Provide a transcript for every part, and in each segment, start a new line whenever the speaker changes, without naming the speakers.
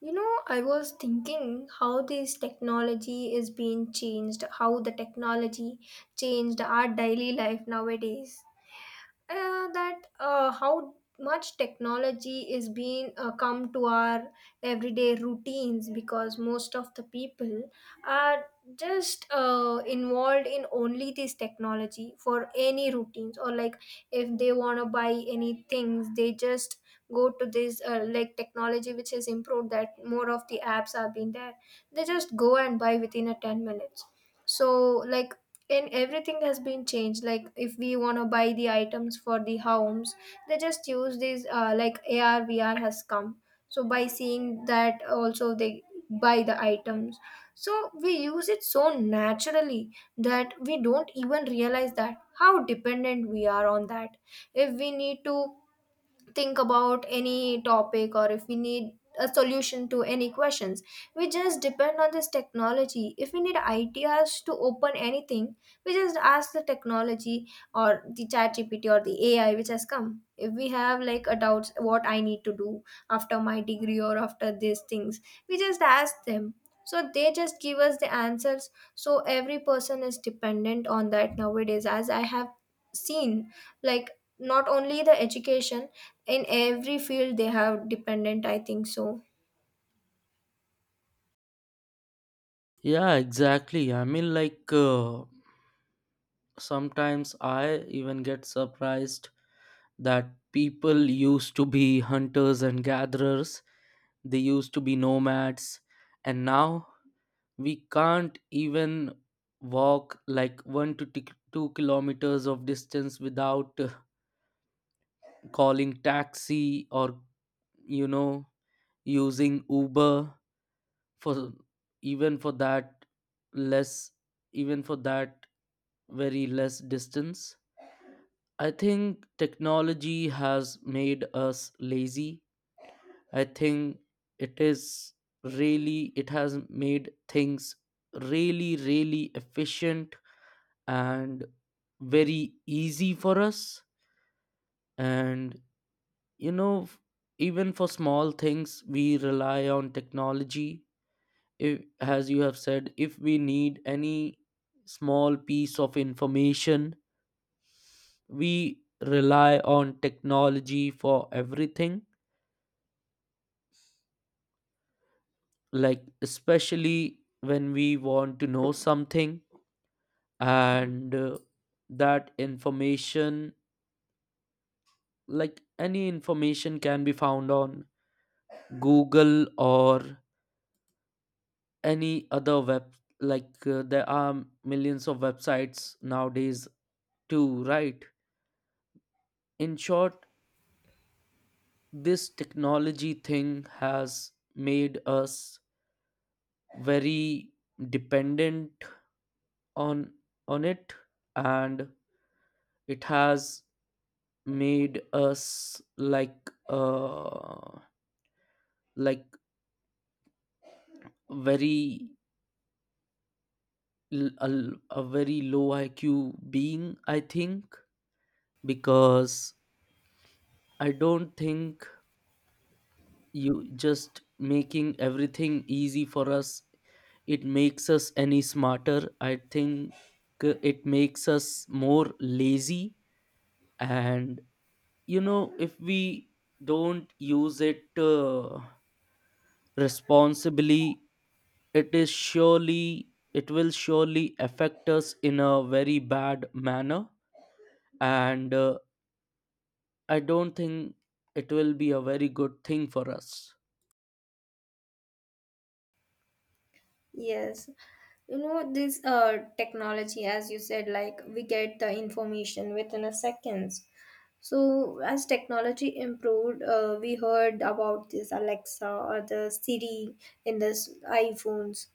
I was thinking how this technology is being changed, how the technology changed our daily life nowadays, that how much technology is being come to our everyday routines. Because most of the people are just involved in only this technology for any routines, or like if they want to buy any things, they just go to this like technology which has improved, that more of the apps have been there, they just go and buy within a 10 minutes. So like, and everything has been changed. Like if we want to buy the items for the homes, they just use these like AR VR has come. So by seeing that also they buy the items. So we use it so naturally that we don't even realize that how dependent we are on that. If we need to think about any topic, or if we need a solution to any questions, we just depend on this technology. If we need ideas to open anything, we just ask the technology, or the Chat GPT, or the AI which has come. If we have like a doubts what I need to do after my degree or after these things, we just ask them. So they just give us the answers. So every person is dependent on that nowadays, as I have seen. Like not only the education, in every field they have dependent, I think so.
Yeah, exactly. Sometimes I even get surprised that people used to be hunters and gatherers, they used to be nomads, and now we can't even walk like 2 kilometers of distance without calling taxi or, you know, using Uber. For even for that less even for that very less distance, I think technology has made us lazy. I think it is, really, it has made things really, really efficient and very easy for us. And, you know even for small things we rely on technology. If, as you have said, if we need any small piece of information, we rely on technology for everything, like especially when we want to know something. And that information, like any information can be found on Google or any other web. There are millions of websites nowadays too, right? In short, this technology thing has made us very dependent on on it. And it has made us like very a very low IQ being, I think. Because I don't think, you just making everything easy for us, it makes us any smarter, I think. It makes us more lazy. And, if we don't use it responsibly, it is surely, it will surely affect us in a very bad manner. And I don't think it will be a very good thing for us.
Yes. This technology, as you said, like we get the information within a seconds. So as technology improved, we heard about this Alexa or the Siri in this iPhones.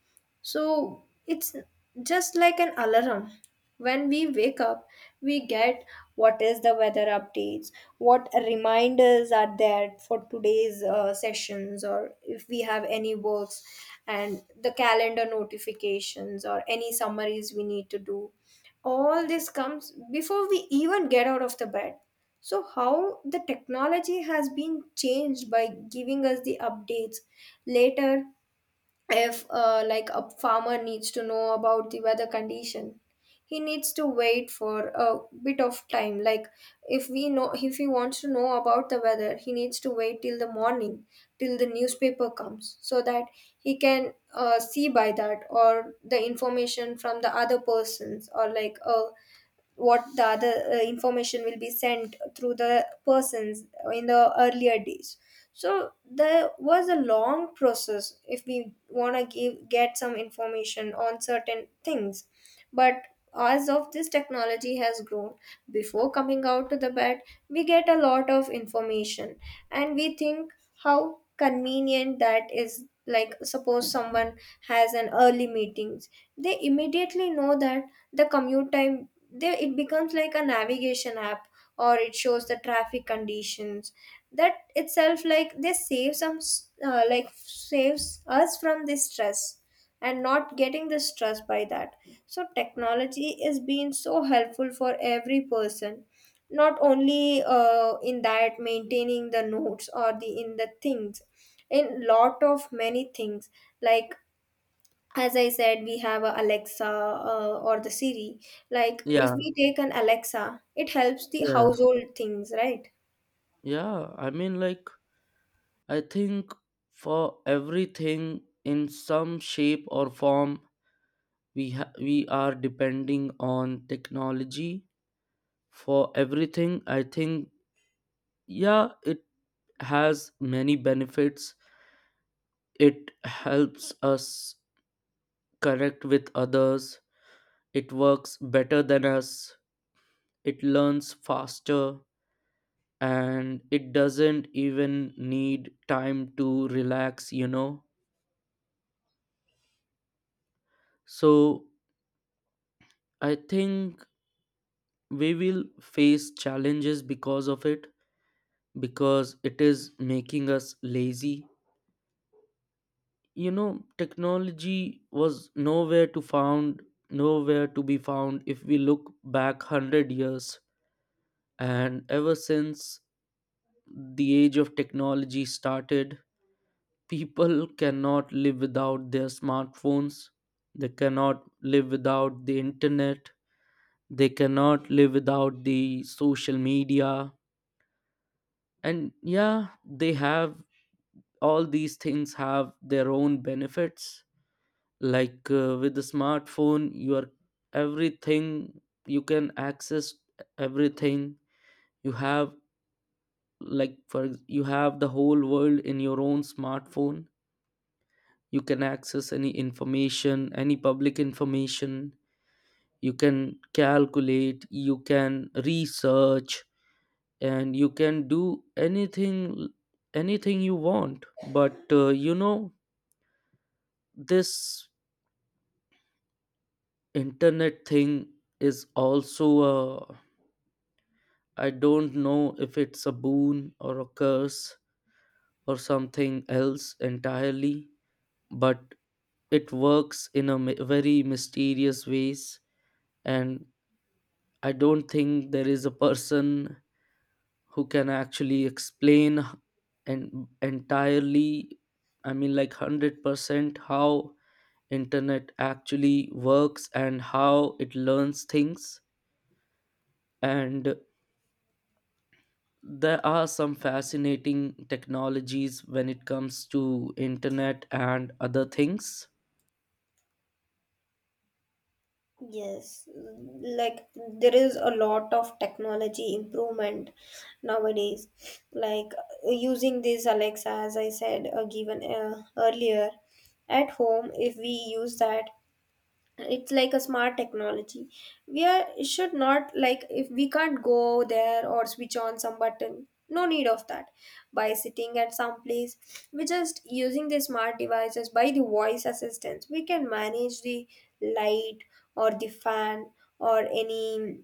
So it's just like an alarm. When we wake up, we get what is the weather updates, what reminders are there for today's sessions, or if we have any works, and the calendar notifications, or any summaries we need to do. All this comes before we even get out of the bed. So how the technology has been changed by giving us the updates later. If like a farmer needs to know about the weather condition, he needs to wait for a bit of time. Like if we know, if he wants to know about the weather, he needs to wait till the morning, till the newspaper comes, so that he can see by that, or the information from the other persons, or like a what the other information will be sent through the persons in the earlier days. So there was a long process if we want to give get some information on certain things. But as of this technology has grown, before coming out to the bed, we get a lot of information. And we think how convenient that is. Like suppose someone has an early meetings, they immediately know that the commute time, they it becomes like a navigation app, or it shows the traffic conditions. That itself, like they save like saves us from this stress and not getting the stress by that. So technology is being so helpful for every person, not only in that maintaining the notes, or the in the things, in lot of many things. Like as I said, we have a Alexa, or the Siri. Like if
Yeah.
we take an Alexa, it helps the
Yeah.
household things, right?
Yeah, I mean, like, I think for everything in some shape or form, we are depending on technology for everything, I think. Yeah, it has many benefits. It helps us connect with others. It works better than us. It learns faster. And it doesn't even need time to relax, you know. So I think we will face challenges because of it, because it is making us lazy. You know, technology was nowhere to found, nowhere to be found if we look back 100 years. And ever since the age of technology started, people cannot live without their smartphones. They cannot live without the internet. They cannot live without the social media. And yeah, they have, all these things have their own benefits. Like with the smartphone you are, everything you can access, everything you have. You have the whole world in your own smartphone. You can access any information, any public information. You can calculate, you can research, and you can do anything, anything you want. But you know, this internet thing is also a, I don't know if it's a boon or a curse or something else entirely. But it works in a very mysterious ways. And I don't think there is a person who can actually explain and entirely, I mean, like, 100% how internet actually works and how it learns things. And there are some fascinating technologies when it comes to internet and other things.
Yes. Like there is a lot of technology improvement nowadays. Like using this Alexa, as I said, given earlier, at home if we use that, it's like a smart technology. We are should not, like if we can't go there or switch on some button, no need of that. By sitting at some place, we just using the smart devices. By the voice assistance, we can manage the light, or the fan, or any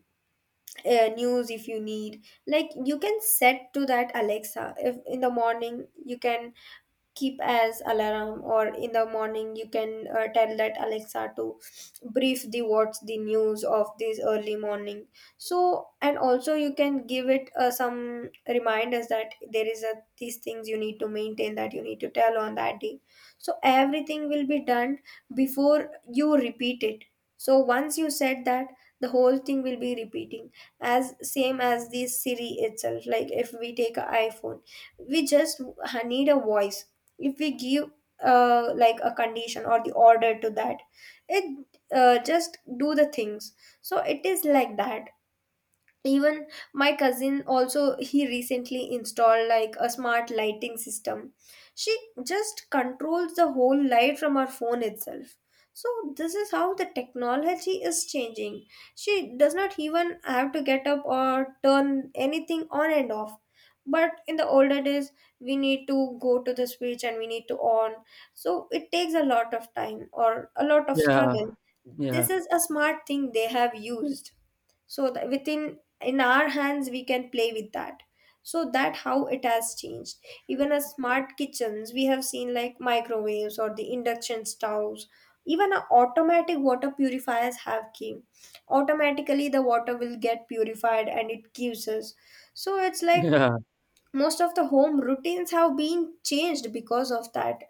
news if you need. Like you can set to that Alexa, if in the morning you can keep as alarm, or in the morning you can tell that Alexa to brief the what's the news of this early morning. So, and also you can give it some reminders, that there is a these things you need to maintain, that you need to tell on that day. So everything will be done before you repeat it. So once you said that, the whole thing will be repeating, as same as the Siri itself. Like if we take an iPhone, we just need a voice. If we give like a condition or the order to that, it just do the things. So it is like that. Even my cousin, also, he recently installed like a smart lighting system. She just controls the whole light from her phone itself. So this is how the technology is changing. She does not even have to get up or turn anything on and off. But in the older days, we need to go to the switch and we need to on. So it takes a lot of time, or a lot of
Yeah.
struggle.
Yeah.
This is a smart thing they have used, so that within in our hands we can play with that. So that how it has changed. Even as smart kitchens, we have seen like microwaves or the induction stoves. Even a automatic water purifiers have came. Automatically the water will get purified and it gives us. So it's like
Yeah.
most of the home routines have been changed because of that.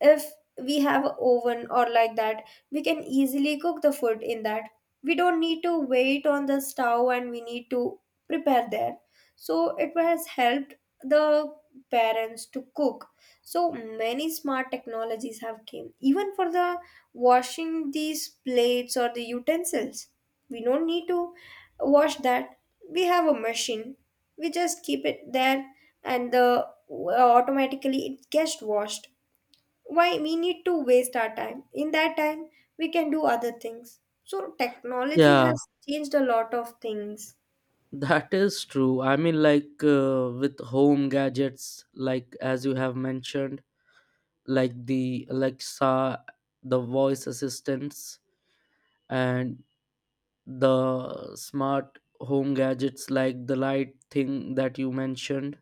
If we have an oven or like that, we can easily cook the food in that. We don't need to wait on the stove and we need to prepare there. So it has helped the parents to cook. So many smart technologies have came, even for the washing these plates or the utensils. We don't need to wash that. We have a machine. We just keep it there, and the automatically it gets washed. Why we need to waste our time? In that time, we can do other things. So, technology
yeah
has changed a lot of things.
that is true i mean like uh, with home gadgets like as you have mentioned, like the Alexa, the voice assistants, and the smart home gadgets like the light thing that you mentioned,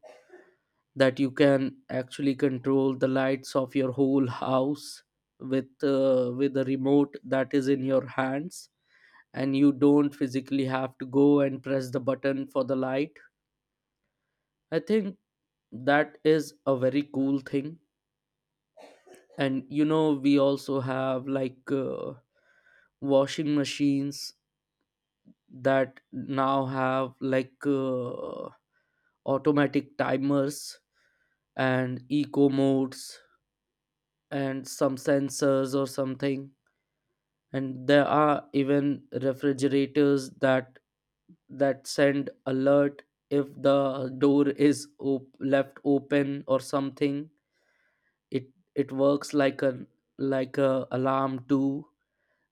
that you can actually control the lights of your whole house with a remote that is in your hands, and you don't physically have to go and press the button for the light. I think that is a very cool thing. And you know, we also have like washing machines that now have like automatic timers and eco modes and some sensors or something. And there are even refrigerators that, that send alert if the door is left open or something. it it works like a, like a alarm too.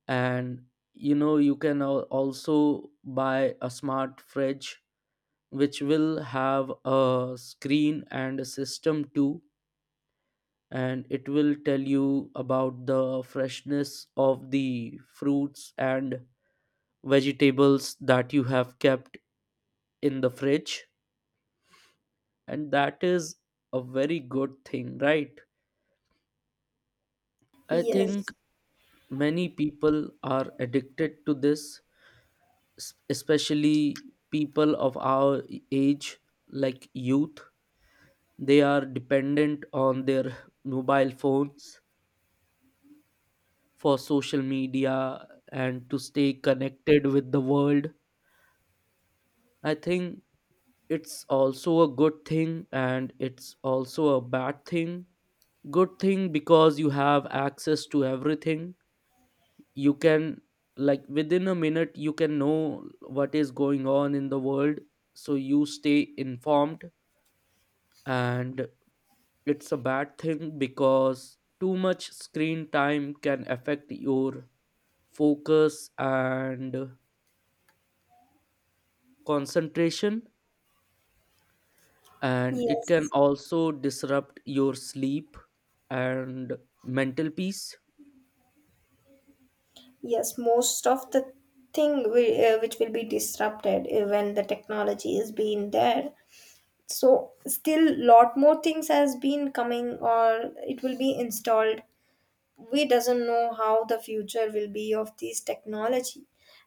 And you know, you can also buy a smart fridge which will have a screen and a system too. And it will tell you about the freshness of the fruits and vegetables that you have kept in the fridge. And that is a very good thing, right? I think
Yes,
many people are addicted to this, especially people of our age, like youth. They are dependent on their mobile phones for social media and to stay connected with the world. I think it's also a good thing and it's also a bad thing. Good thing because you have access to everything. You can, like, within a minute, you can know what is going on in the world. So you stay informed. And it's a bad thing because too much screen time can affect your focus and concentration, and it can
yes,
also disrupt your sleep and mental peace.
yes. Most of the thing which will be disrupted when the technology is being there. So, still, lot more things has been coming, or it will be installed. We doesn't know how the future will be of this technology.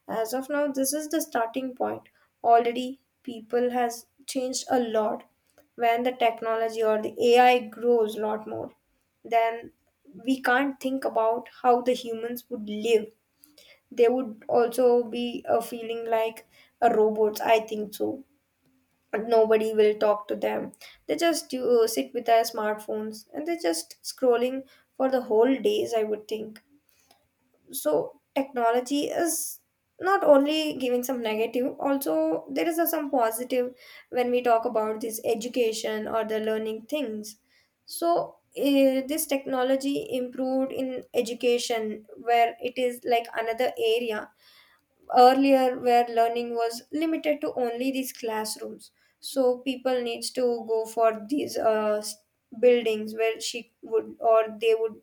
As of now this is the starting point. Already people has changed a lot. When the technology or the AI grows a lot more, then we can't think about how the humans would live. They would also be a feeling like a robots, I think so. Nobody will talk to them. They just sit with their smartphones and they're just scrolling for the whole days, I would think. So technology is not only giving some negative, also there is some positive. When we talk about this education or the learning things, so this technology improved in education, where it is like another area. Earlier where learning was limited to only these classrooms, so people needs to go for these buildings, where she would or they would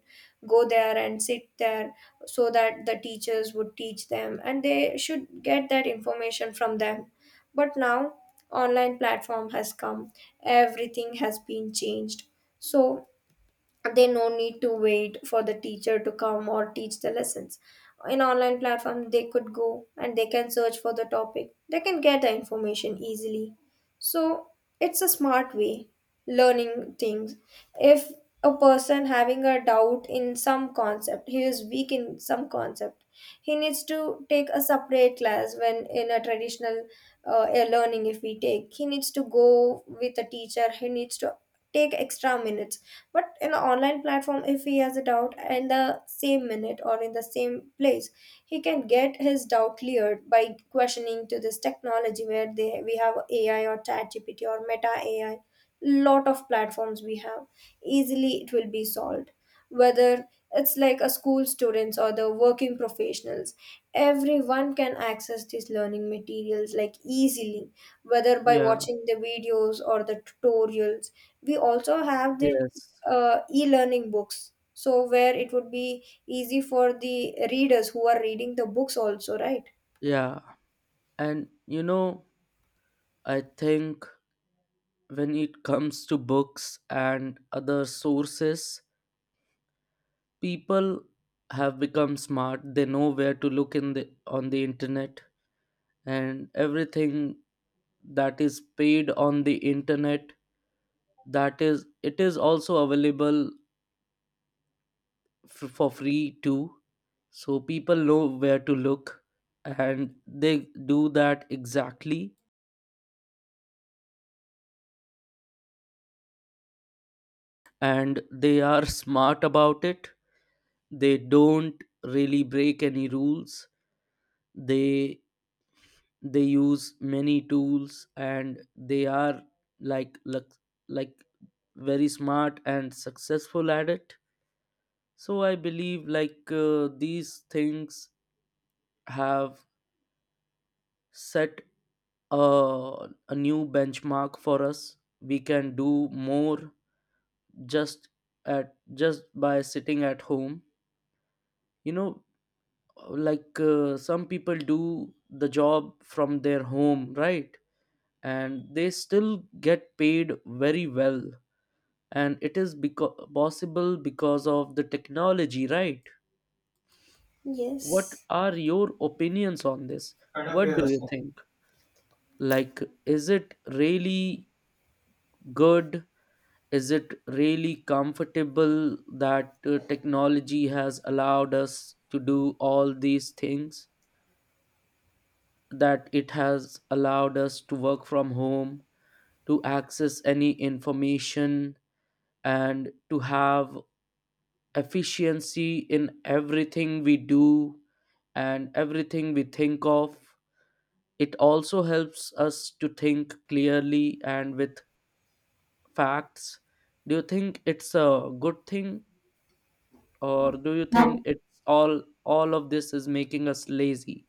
go there and sit there. So that the teachers would teach them, and they should get that information from them. But now online platform has come, everything has been changed. So they no need to wait for the teacher to come or teach the lessons. In online platform they could go and they can search for the topic, they can get the information easily. So it's a smart way learning things. If a person having a doubt in some concept, he is weak in some concept, he needs to take a separate class. When in a traditional a learning if we take, he needs to go with a teacher, he needs to take extra minutes. But in the online platform, if he has a doubt, in the same minute or in the same place, he can get his doubt cleared by questioning to this technology, where they we have AI or Chat GPT or Meta AI. Lot of platforms we have, easily it will be solved. Whether it's like a school students or the working professionals, everyone can access these learning materials like easily, whether by
Yeah.
watching the videos or the tutorials. We also have the
Yes.
e-learning books, so where it would be easy for the readers who are reading the books also, right?
Yeah. And you know, I think when it comes to books and other sources, people have become smart. They know where to look in the, on the internet. And everything that is paid on the internet, that is, it is also available for free too. So people know where to look and they do that exactly, and they are smart about it. They don't really break any rules. they they use many tools and they are like like, like very smart and successful at it. So I believe like these things have set a new benchmark for us. We can do more just at, just by sitting at home. You know, like some people do the job from their home, right? And they still get paid very well. And it is possible because of the technology, right? What
Yes,
are your opinions on this? What do
yes.
you think? Like, is it really good? Is it really comfortable that technology has allowed us to do all these things, that it has allowed us to work from home, to access any information, and to have efficiency in everything we do and everything we think of? It also helps us to think clearly and with facts. Do you think it's a good thing? Or do you think it's all of this is making us lazy?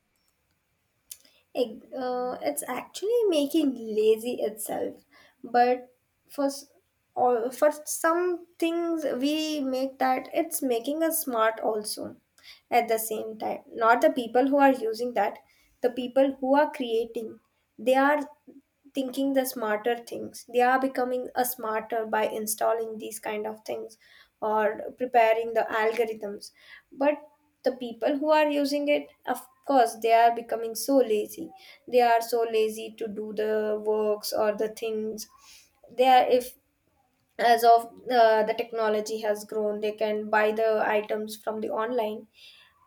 It's actually making lazy itself, but for s- all for some things we make, that it's making us smart also. At the same time, not the people who are using that, the people who are creating, they are thinking the smarter things. They are becoming a smarter by installing these kind of things or preparing the algorithms. But the people who are using it, of course they are becoming so lazy. They are so lazy to do the works or the things. They are if as of The technology has grown, they can buy the items from the online.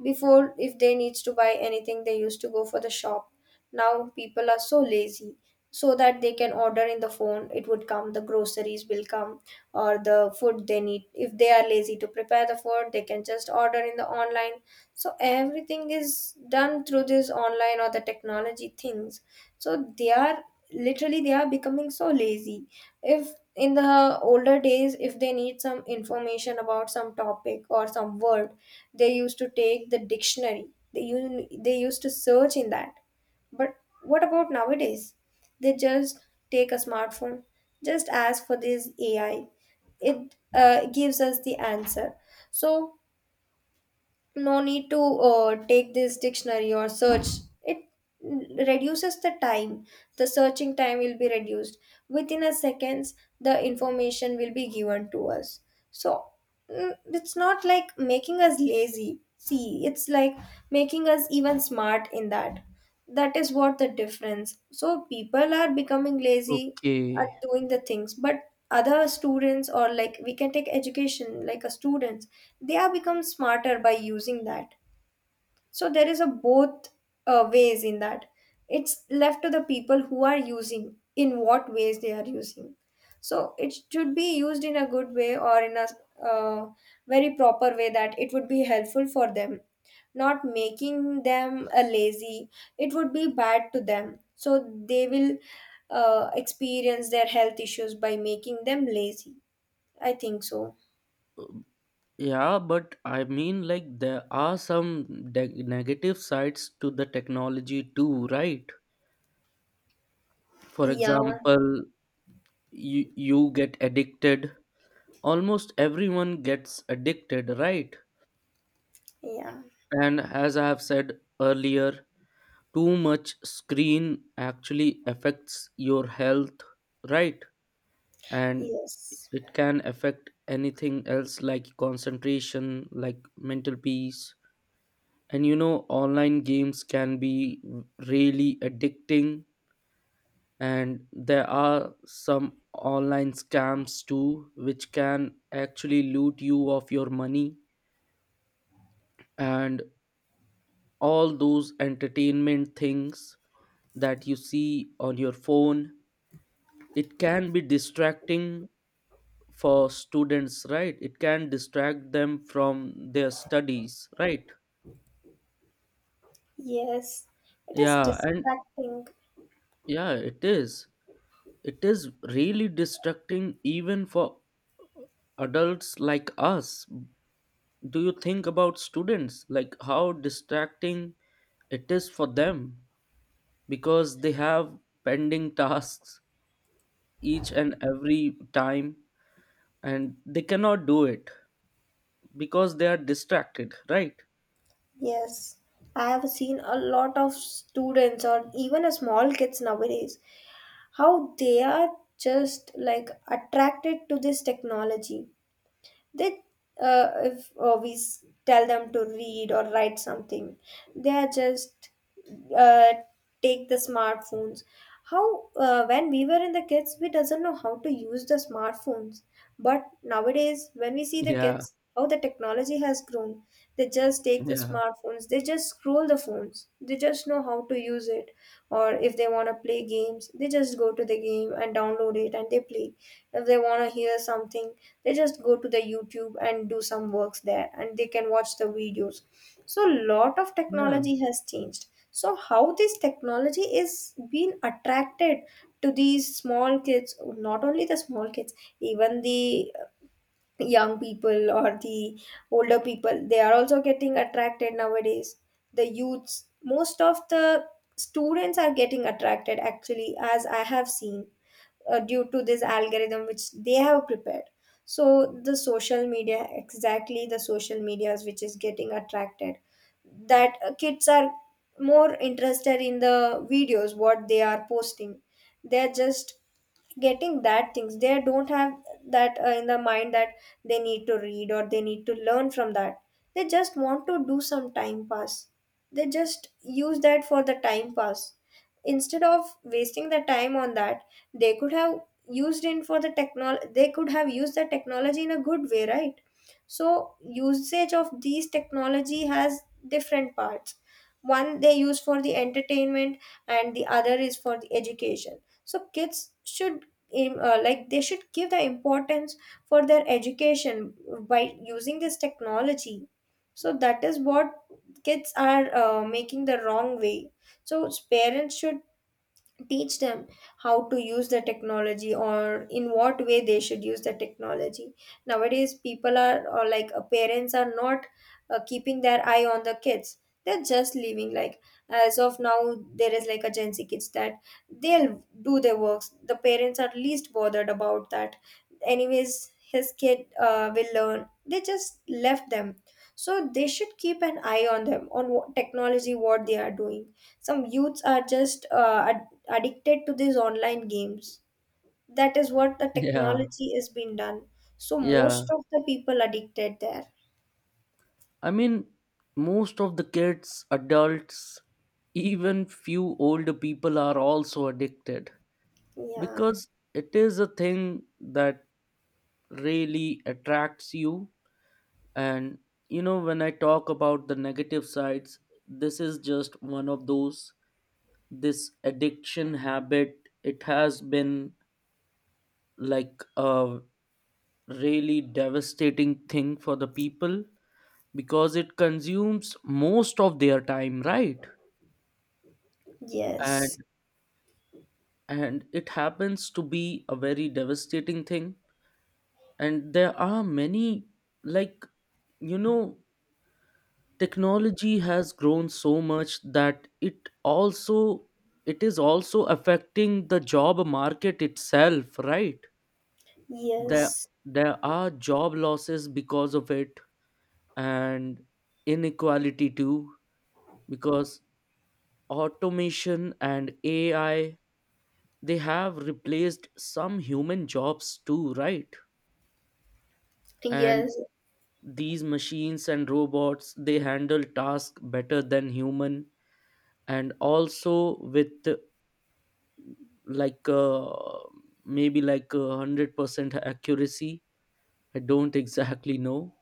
Before, if they needs to buy anything, they used to go for the shop. Now people are so lazy, so that they can order in the phone. It would come, the groceries will come, or the food they need. If they are lazy to prepare the food, they can just order in the online. So everything is done through this online or the technology things, so they are literally they are becoming so lazy. If in the older days, if they need some information about some topic or some word, they used to take the dictionary, they they used to search in that. But what about nowadays? They just take a smartphone, just ask for this AI. It gives us the answer. So no need to take this dictionary or search. It reduces the time, the searching time will be reduced. Within a seconds, the information will be given to us. So it's not like making us lazy, see, it's like making us even smart in that. That is what the difference. So people are becoming lazy at
Okay.
doing the things, but other students, or like we can take education like a students, they are become smarter by using that. So there is a both ways in that. It's left to the people who are using, in what ways they are using. So it should be used in a good way or in a uh, very proper way, that it would be helpful for them, not making them a lazy. It would be bad to them. So they will experience their health issues by making them lazy. I think so.
Yeah, but I mean, like, there are some negative sides to the technology too, right? For
yeah
example, you get addicted. Almost everyone gets addicted, right?
yeah
And as I have said earlier, too much screen actually affects your health, right? And
Yes.
it can affect anything else, like concentration, like mental peace. And you know, online games can be really addicting. And there are some online scams too which can actually loot you of your money. And all those entertainment things that you see on your phone, it can be distracting for students, right? It can distract them from their studies, right?
Yes, it is
Yeah. and
distracting.
yeah it is, it is really distracting even for adults like us. Do you think about students, like how distracting it is for them? Because they have pending tasks each and every time, and they cannot do it because they are distracted, right?
Yes, I have seen a lot of students or even a small kids nowadays, how they are just like attracted to this technology. They If we tell them to read or write something, they are just uh, take the smartphones. How When we were in the kids, we doesn't know how to use the smartphones. But nowadays, when we see the
Yeah.
kids, how the technology has grown, they just take the
Yeah.
smartphones, they just scroll the phones, they just know how to use it. Or if they want to play games, they just go to the game and download it and they play. If they want to hear something, they just go to the YouTube and do some works there, and they can watch the videos. So lot of
Yeah.
technology has changed. So how this technology is being attracted to these small kids, not only the small kids, even the young people or the older people, they are also getting attracted nowadays. The youths, most of the students are getting attracted actually, as I have seen, due to this algorithm which they have prepared. So the social media, exactly the social medias, which is getting attracted, that kids are more interested in the videos what they are posting. They're just getting that things. They don't have that in the mind, that they need to read or they need to learn from that. They just want to do some time pass. They just use that for the time pass. Instead of wasting the time on that, they could have used in for the technology, they could have used the technology in a good way, right? So usage of these technology has different parts. One, they use for the entertainment, and the other is for the education. So kids should, like they should give the importance for their education by using this technology. So that is what kids are making the wrong way. So parents should teach them how to use the technology, or in what way they should use the technology. Nowadays, people are or like parents are not keeping their eye on the kids. They're just leaving, like, as of now, there is like a Gen Z kids, that they'll do their works, the parents are least bothered about that. Anyways, his kid will learn, they just left them. So they should keep an eye on them, on what technology, what they are doing. Some youths are just addicted to these online games. That is what the
Yeah.
technology is being done. So
Yeah,
most of the people addicted there.
I mean, most of the kids, adults, even few older people are also addicted,
Yeah.
because it is a thing that really attracts you. And you know, when I talk about the negative sides, this is just one of those. This addiction habit, it has been like a really devastating thing for the people because it consumes most of their time, right?
Yes.
And it happens to be a very devastating thing. And there are many, like, you know, technology has grown so much that it also, it is also affecting the job market itself, right? there
Yes.
there are job losses because of it, and inequality too, because automation and AI, they have replaced some human jobs too, right? And
Yes.
these machines and robots, they handle tasks better than human, and also with like maybe like a 100% accuracy, I don't exactly know.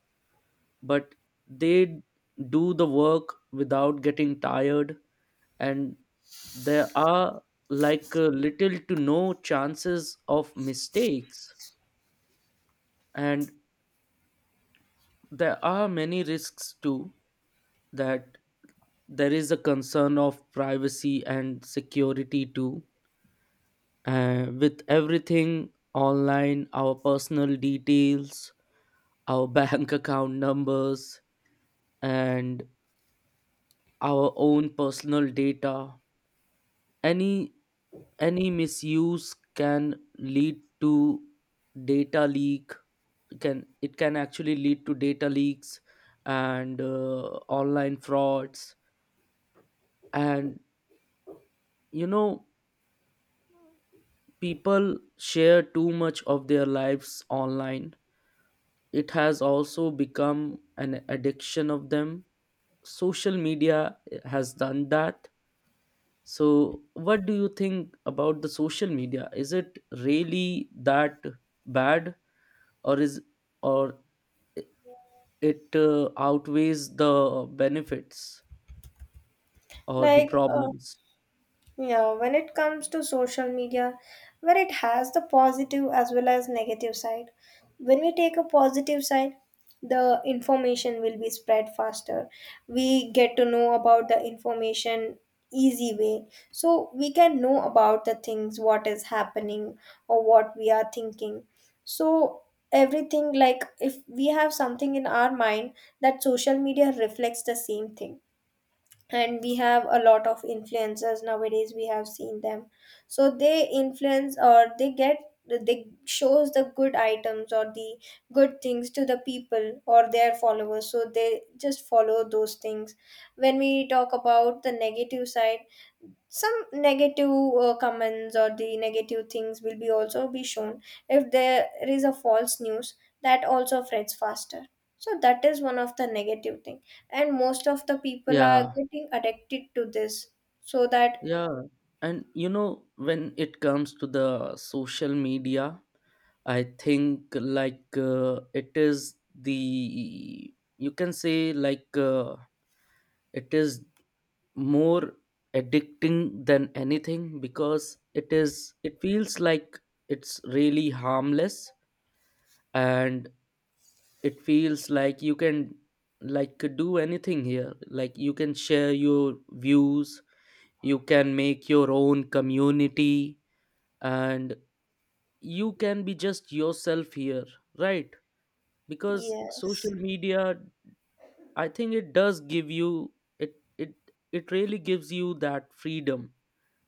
But they do the work without getting tired, and there are like little to no chances of mistakes. And there are many risks too, that there is a concern of privacy and security too. With everything online, our personal details, our bank account numbers, and our own personal data, any any misuse can lead to data leak. Can it can actually lead to data leaks and online frauds. And you know, people share too much of their lives online. It has also become an addiction of them. Social media has done that. So what do you think about the social media? Is it really that bad? Or is or it outweighs the benefits or the
Like uh,
problems?
Yeah, when it comes to social media, where it has the positive as well as negative side. When we take a positive side, the information will be spread faster. We get to know about the information easy way. So we can know about the things what is happening or what we are thinking. So everything, like if we have something in our mind, that social media reflects the same thing. And we have a lot of influencers nowadays, we have seen them. So they influence, or they shows the good items or the good things to the people or their followers, so they just follow those things. When we talk about the negative side, some negative comments or the negative things will be also be shown. If there is a false news, that also spreads faster. So that is one of the negative thing, and most of the people are
Yeah.
getting addicted to this, so that.
Yeah. And you know, when it comes to the social media, I think like it is the, you can say like it is more addicting than anything, because it is, it feels like it's really harmless. And it feels like you can, like, do anything here. Like you can share your views, you can make your own community, and you can be just yourself here, right? Because
Yes.
social media, I think it does give you, it it it really gives you that freedom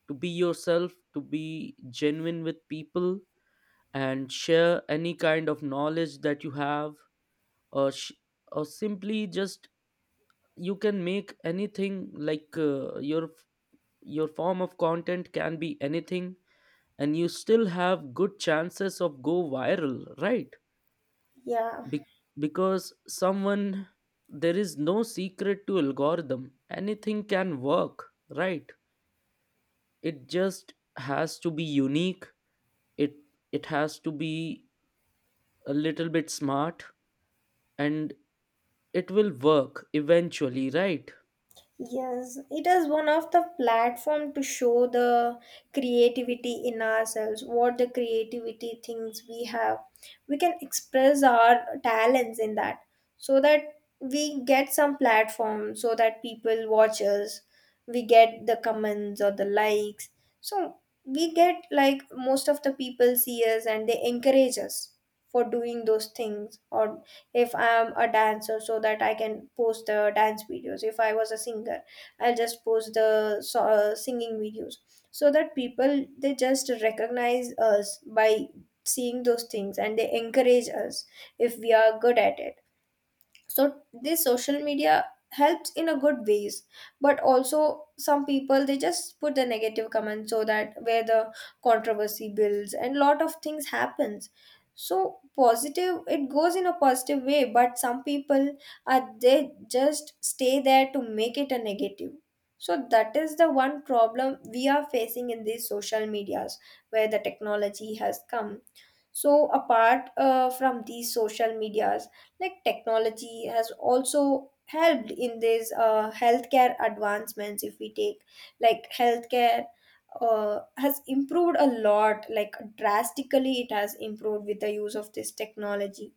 to be yourself, to be genuine with people, and share any kind of knowledge that you have, or sh- or simply just, you can make anything like your form of content can be anything. And you still have good chances of go viral, right?
Yeah.
Be- because someone, there is no secret to algorithm. Anything can work, right? It just has to be unique. it it has to be a little bit smart, and it will work eventually, right?
Yes, it is one of the platform to show the creativity in ourselves, what the creativity things we have. We can express our talents in that, so that we get some platform so that people watch us, we get the comments or the likes. So we get, like, most of the people see us and they encourage us for doing those things. Or if I'm a dancer, so that I can post the dance videos. If I was a singer, I'll just post the singing videos, so that people, they just recognize us by seeing those things, and they encourage us if we are good at it. So this social media helps in a good ways. But also some people, they just put the negative comments, so that where the controversy builds and lot of things happens. So positive, it goes in a positive way, but some people are they just stay there to make it a negative. So that is the one problem we are facing in these social medias, where the technology has come. So apart from these social medias, like technology has also helped in these healthcare advancements. If we take like healthcare, has improved a lot, like drastically, it has improved with the use of this technology.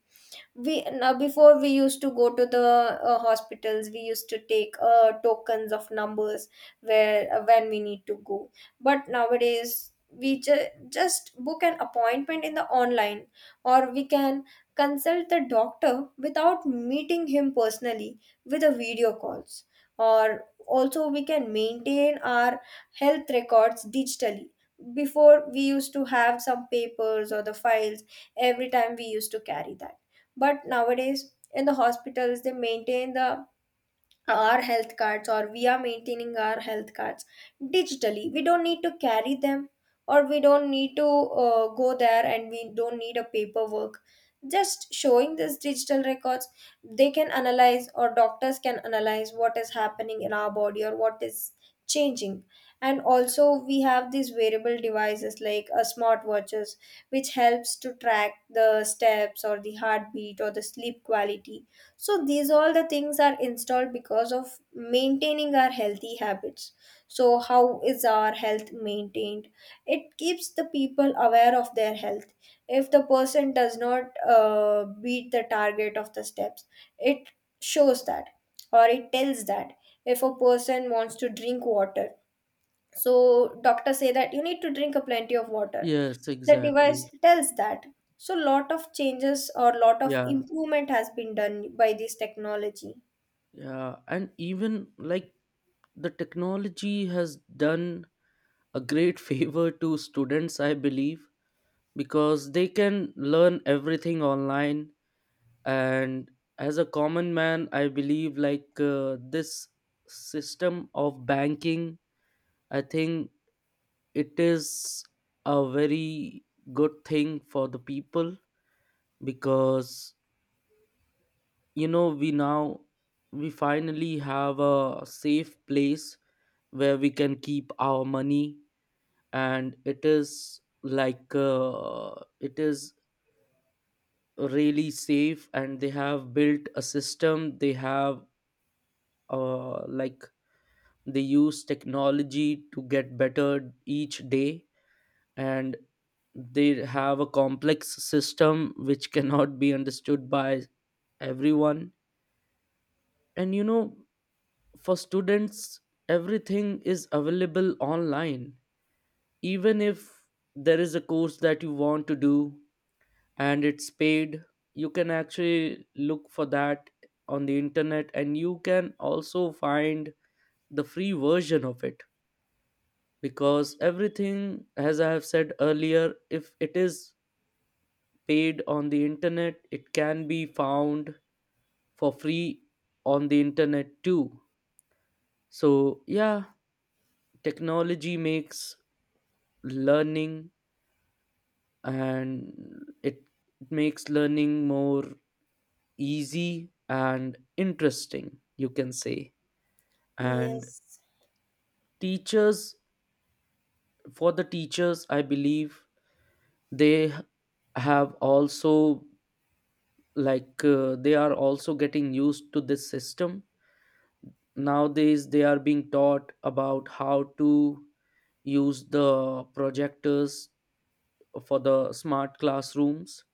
We now Before, we used to go to the hospitals, we used to take tokens of numbers, where when we need to go. But nowadays, we just book an appointment in the online, or we can consult the doctor without meeting him personally, with a video calls. Or also, we can maintain our health records digitally. Before, we used to have some papers or the files, every time we used to carry that. But nowadays, in the hospitals, they maintain the, our health cards, or we are maintaining our health cards digitally. We don't need to carry them, or we don't need to go there, and we don't need a paperwork. Just showing this digital records, they can analyze, or doctors can analyze what is happening in our body or what is changing. And also, we have these wearable devices like smartwatches, which helps to track the steps or the heartbeat or the sleep quality. So these all the things are installed because of maintaining our healthy habits. So how is our health maintained? It keeps the people aware of their health. If the person does not beat the target of the steps, it shows that, or it tells that. If a person wants to drink water, so doctors say that you need to drink a plenty of water,
Yes,
the device
exactly.
tells that. So lot of changes or lot of
Yeah.
improvement has been done by this technology.
Yeah, and even like the technology has done a great favor to students, I believe, because they can learn everything online. And as a common man, I believe like this system of banking, I think it is a very good thing for the people. Because you know, we finally have a safe place where we can keep our money. And it is like it is really safe, and they have built a system. They have uh, like they use technology to get better each day. And they have a complex system which cannot be understood by everyone. And you know, for students, everything is available online. Even if there is a course that you want to do and it's paid, you can actually look for that on the internet, and you can also find the free version of it. Because everything, as I have said earlier, if it is paid on the internet, it can be found for free on the internet too. So yeah, technology makes learning, and it makes learning more easy and interesting, you can say. And
Yes.
teachers, for the teachers, I believe they have also like they are also getting used to this system. Nowadays they are being taught about how to use the projectors for the smart classrooms,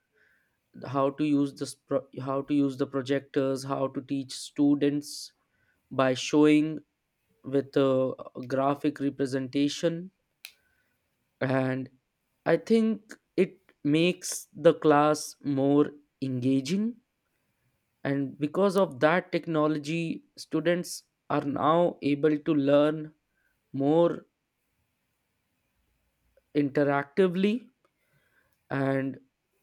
how to use this how to use the projectors, how to teach students by showing with a graphic representation. And I think it makes the class more engaging. And because of that technology, students are now able to learn more interactively, and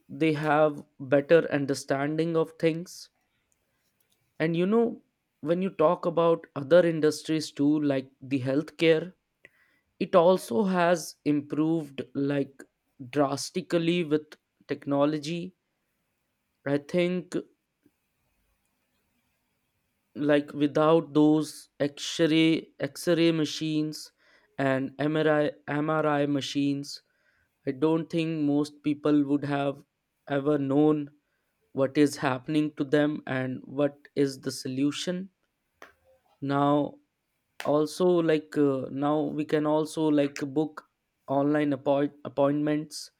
they have better understanding of things. And you know, when you talk about other industries too, like the healthcare, it also has improved like drastically with technology. I think like without those x-ray machines and MRI machines, I don't think most people would have ever known what is happening to them and what is the solution. Now, also, like now we can also like book online appointments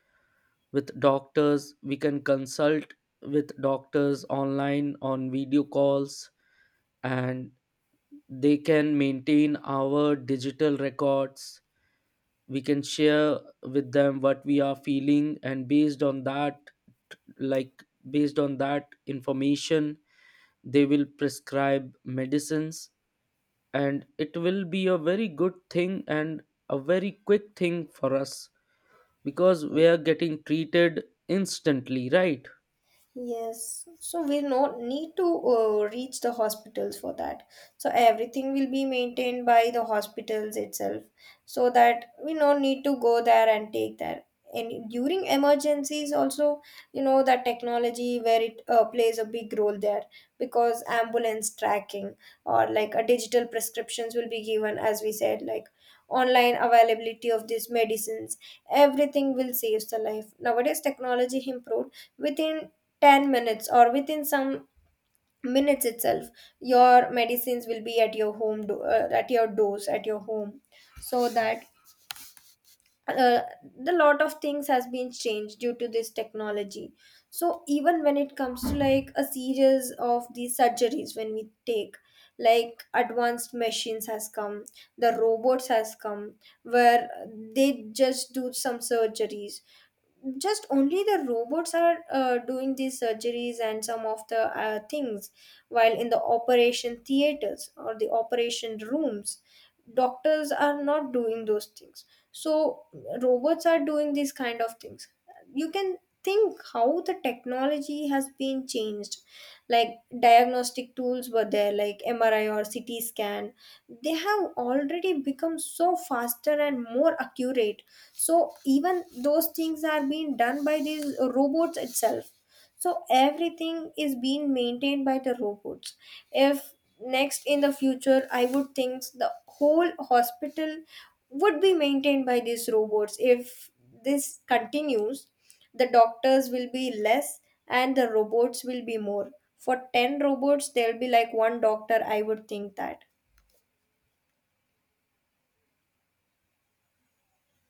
with doctors. We can consult with doctors online on video calls, and they can maintain our digital records. We can share with them what we are feeling, and based on that, like based on that information, they will prescribe medicines. And it will be a very good thing and a very quick thing for us, because we are getting treated instantly, right?
Yes, so we not need to reach the hospitals for that. So everything will be maintained by the hospitals itself, so that we do not need to go there and take that. And during emergencies, also, that technology, where it plays a big role there, because ambulance tracking, or like a digital prescriptions will be given, as we said, like online availability of these medicines, everything will save the life. Nowadays, technology improved. Within 10 minutes, or within some minutes itself, your medicines will be at your home, at your doors, at your home. So that uh, the lot of things has been changed due to this technology. So even when it comes to like a series of these surgeries, when we take, like, advanced machines has come, the robots has come, where they just do some surgeries. Just only the robots are doing these surgeries and some of the things, while in the operation theaters or the operation rooms, doctors are not doing those things. So robots are doing these kind of things. You can think how the technology has been changed. Like diagnostic tools were there, like MRI or CT scan, they have already become so faster and more accurate. So even those things are being done by these robots itself. So everything is being maintained by the robots. If next in the future, I would think the whole hospital would be maintained by these robots. If this continues, the doctors will be less and the robots will be more. For 10 robots, there'll be like one doctor, I would think that.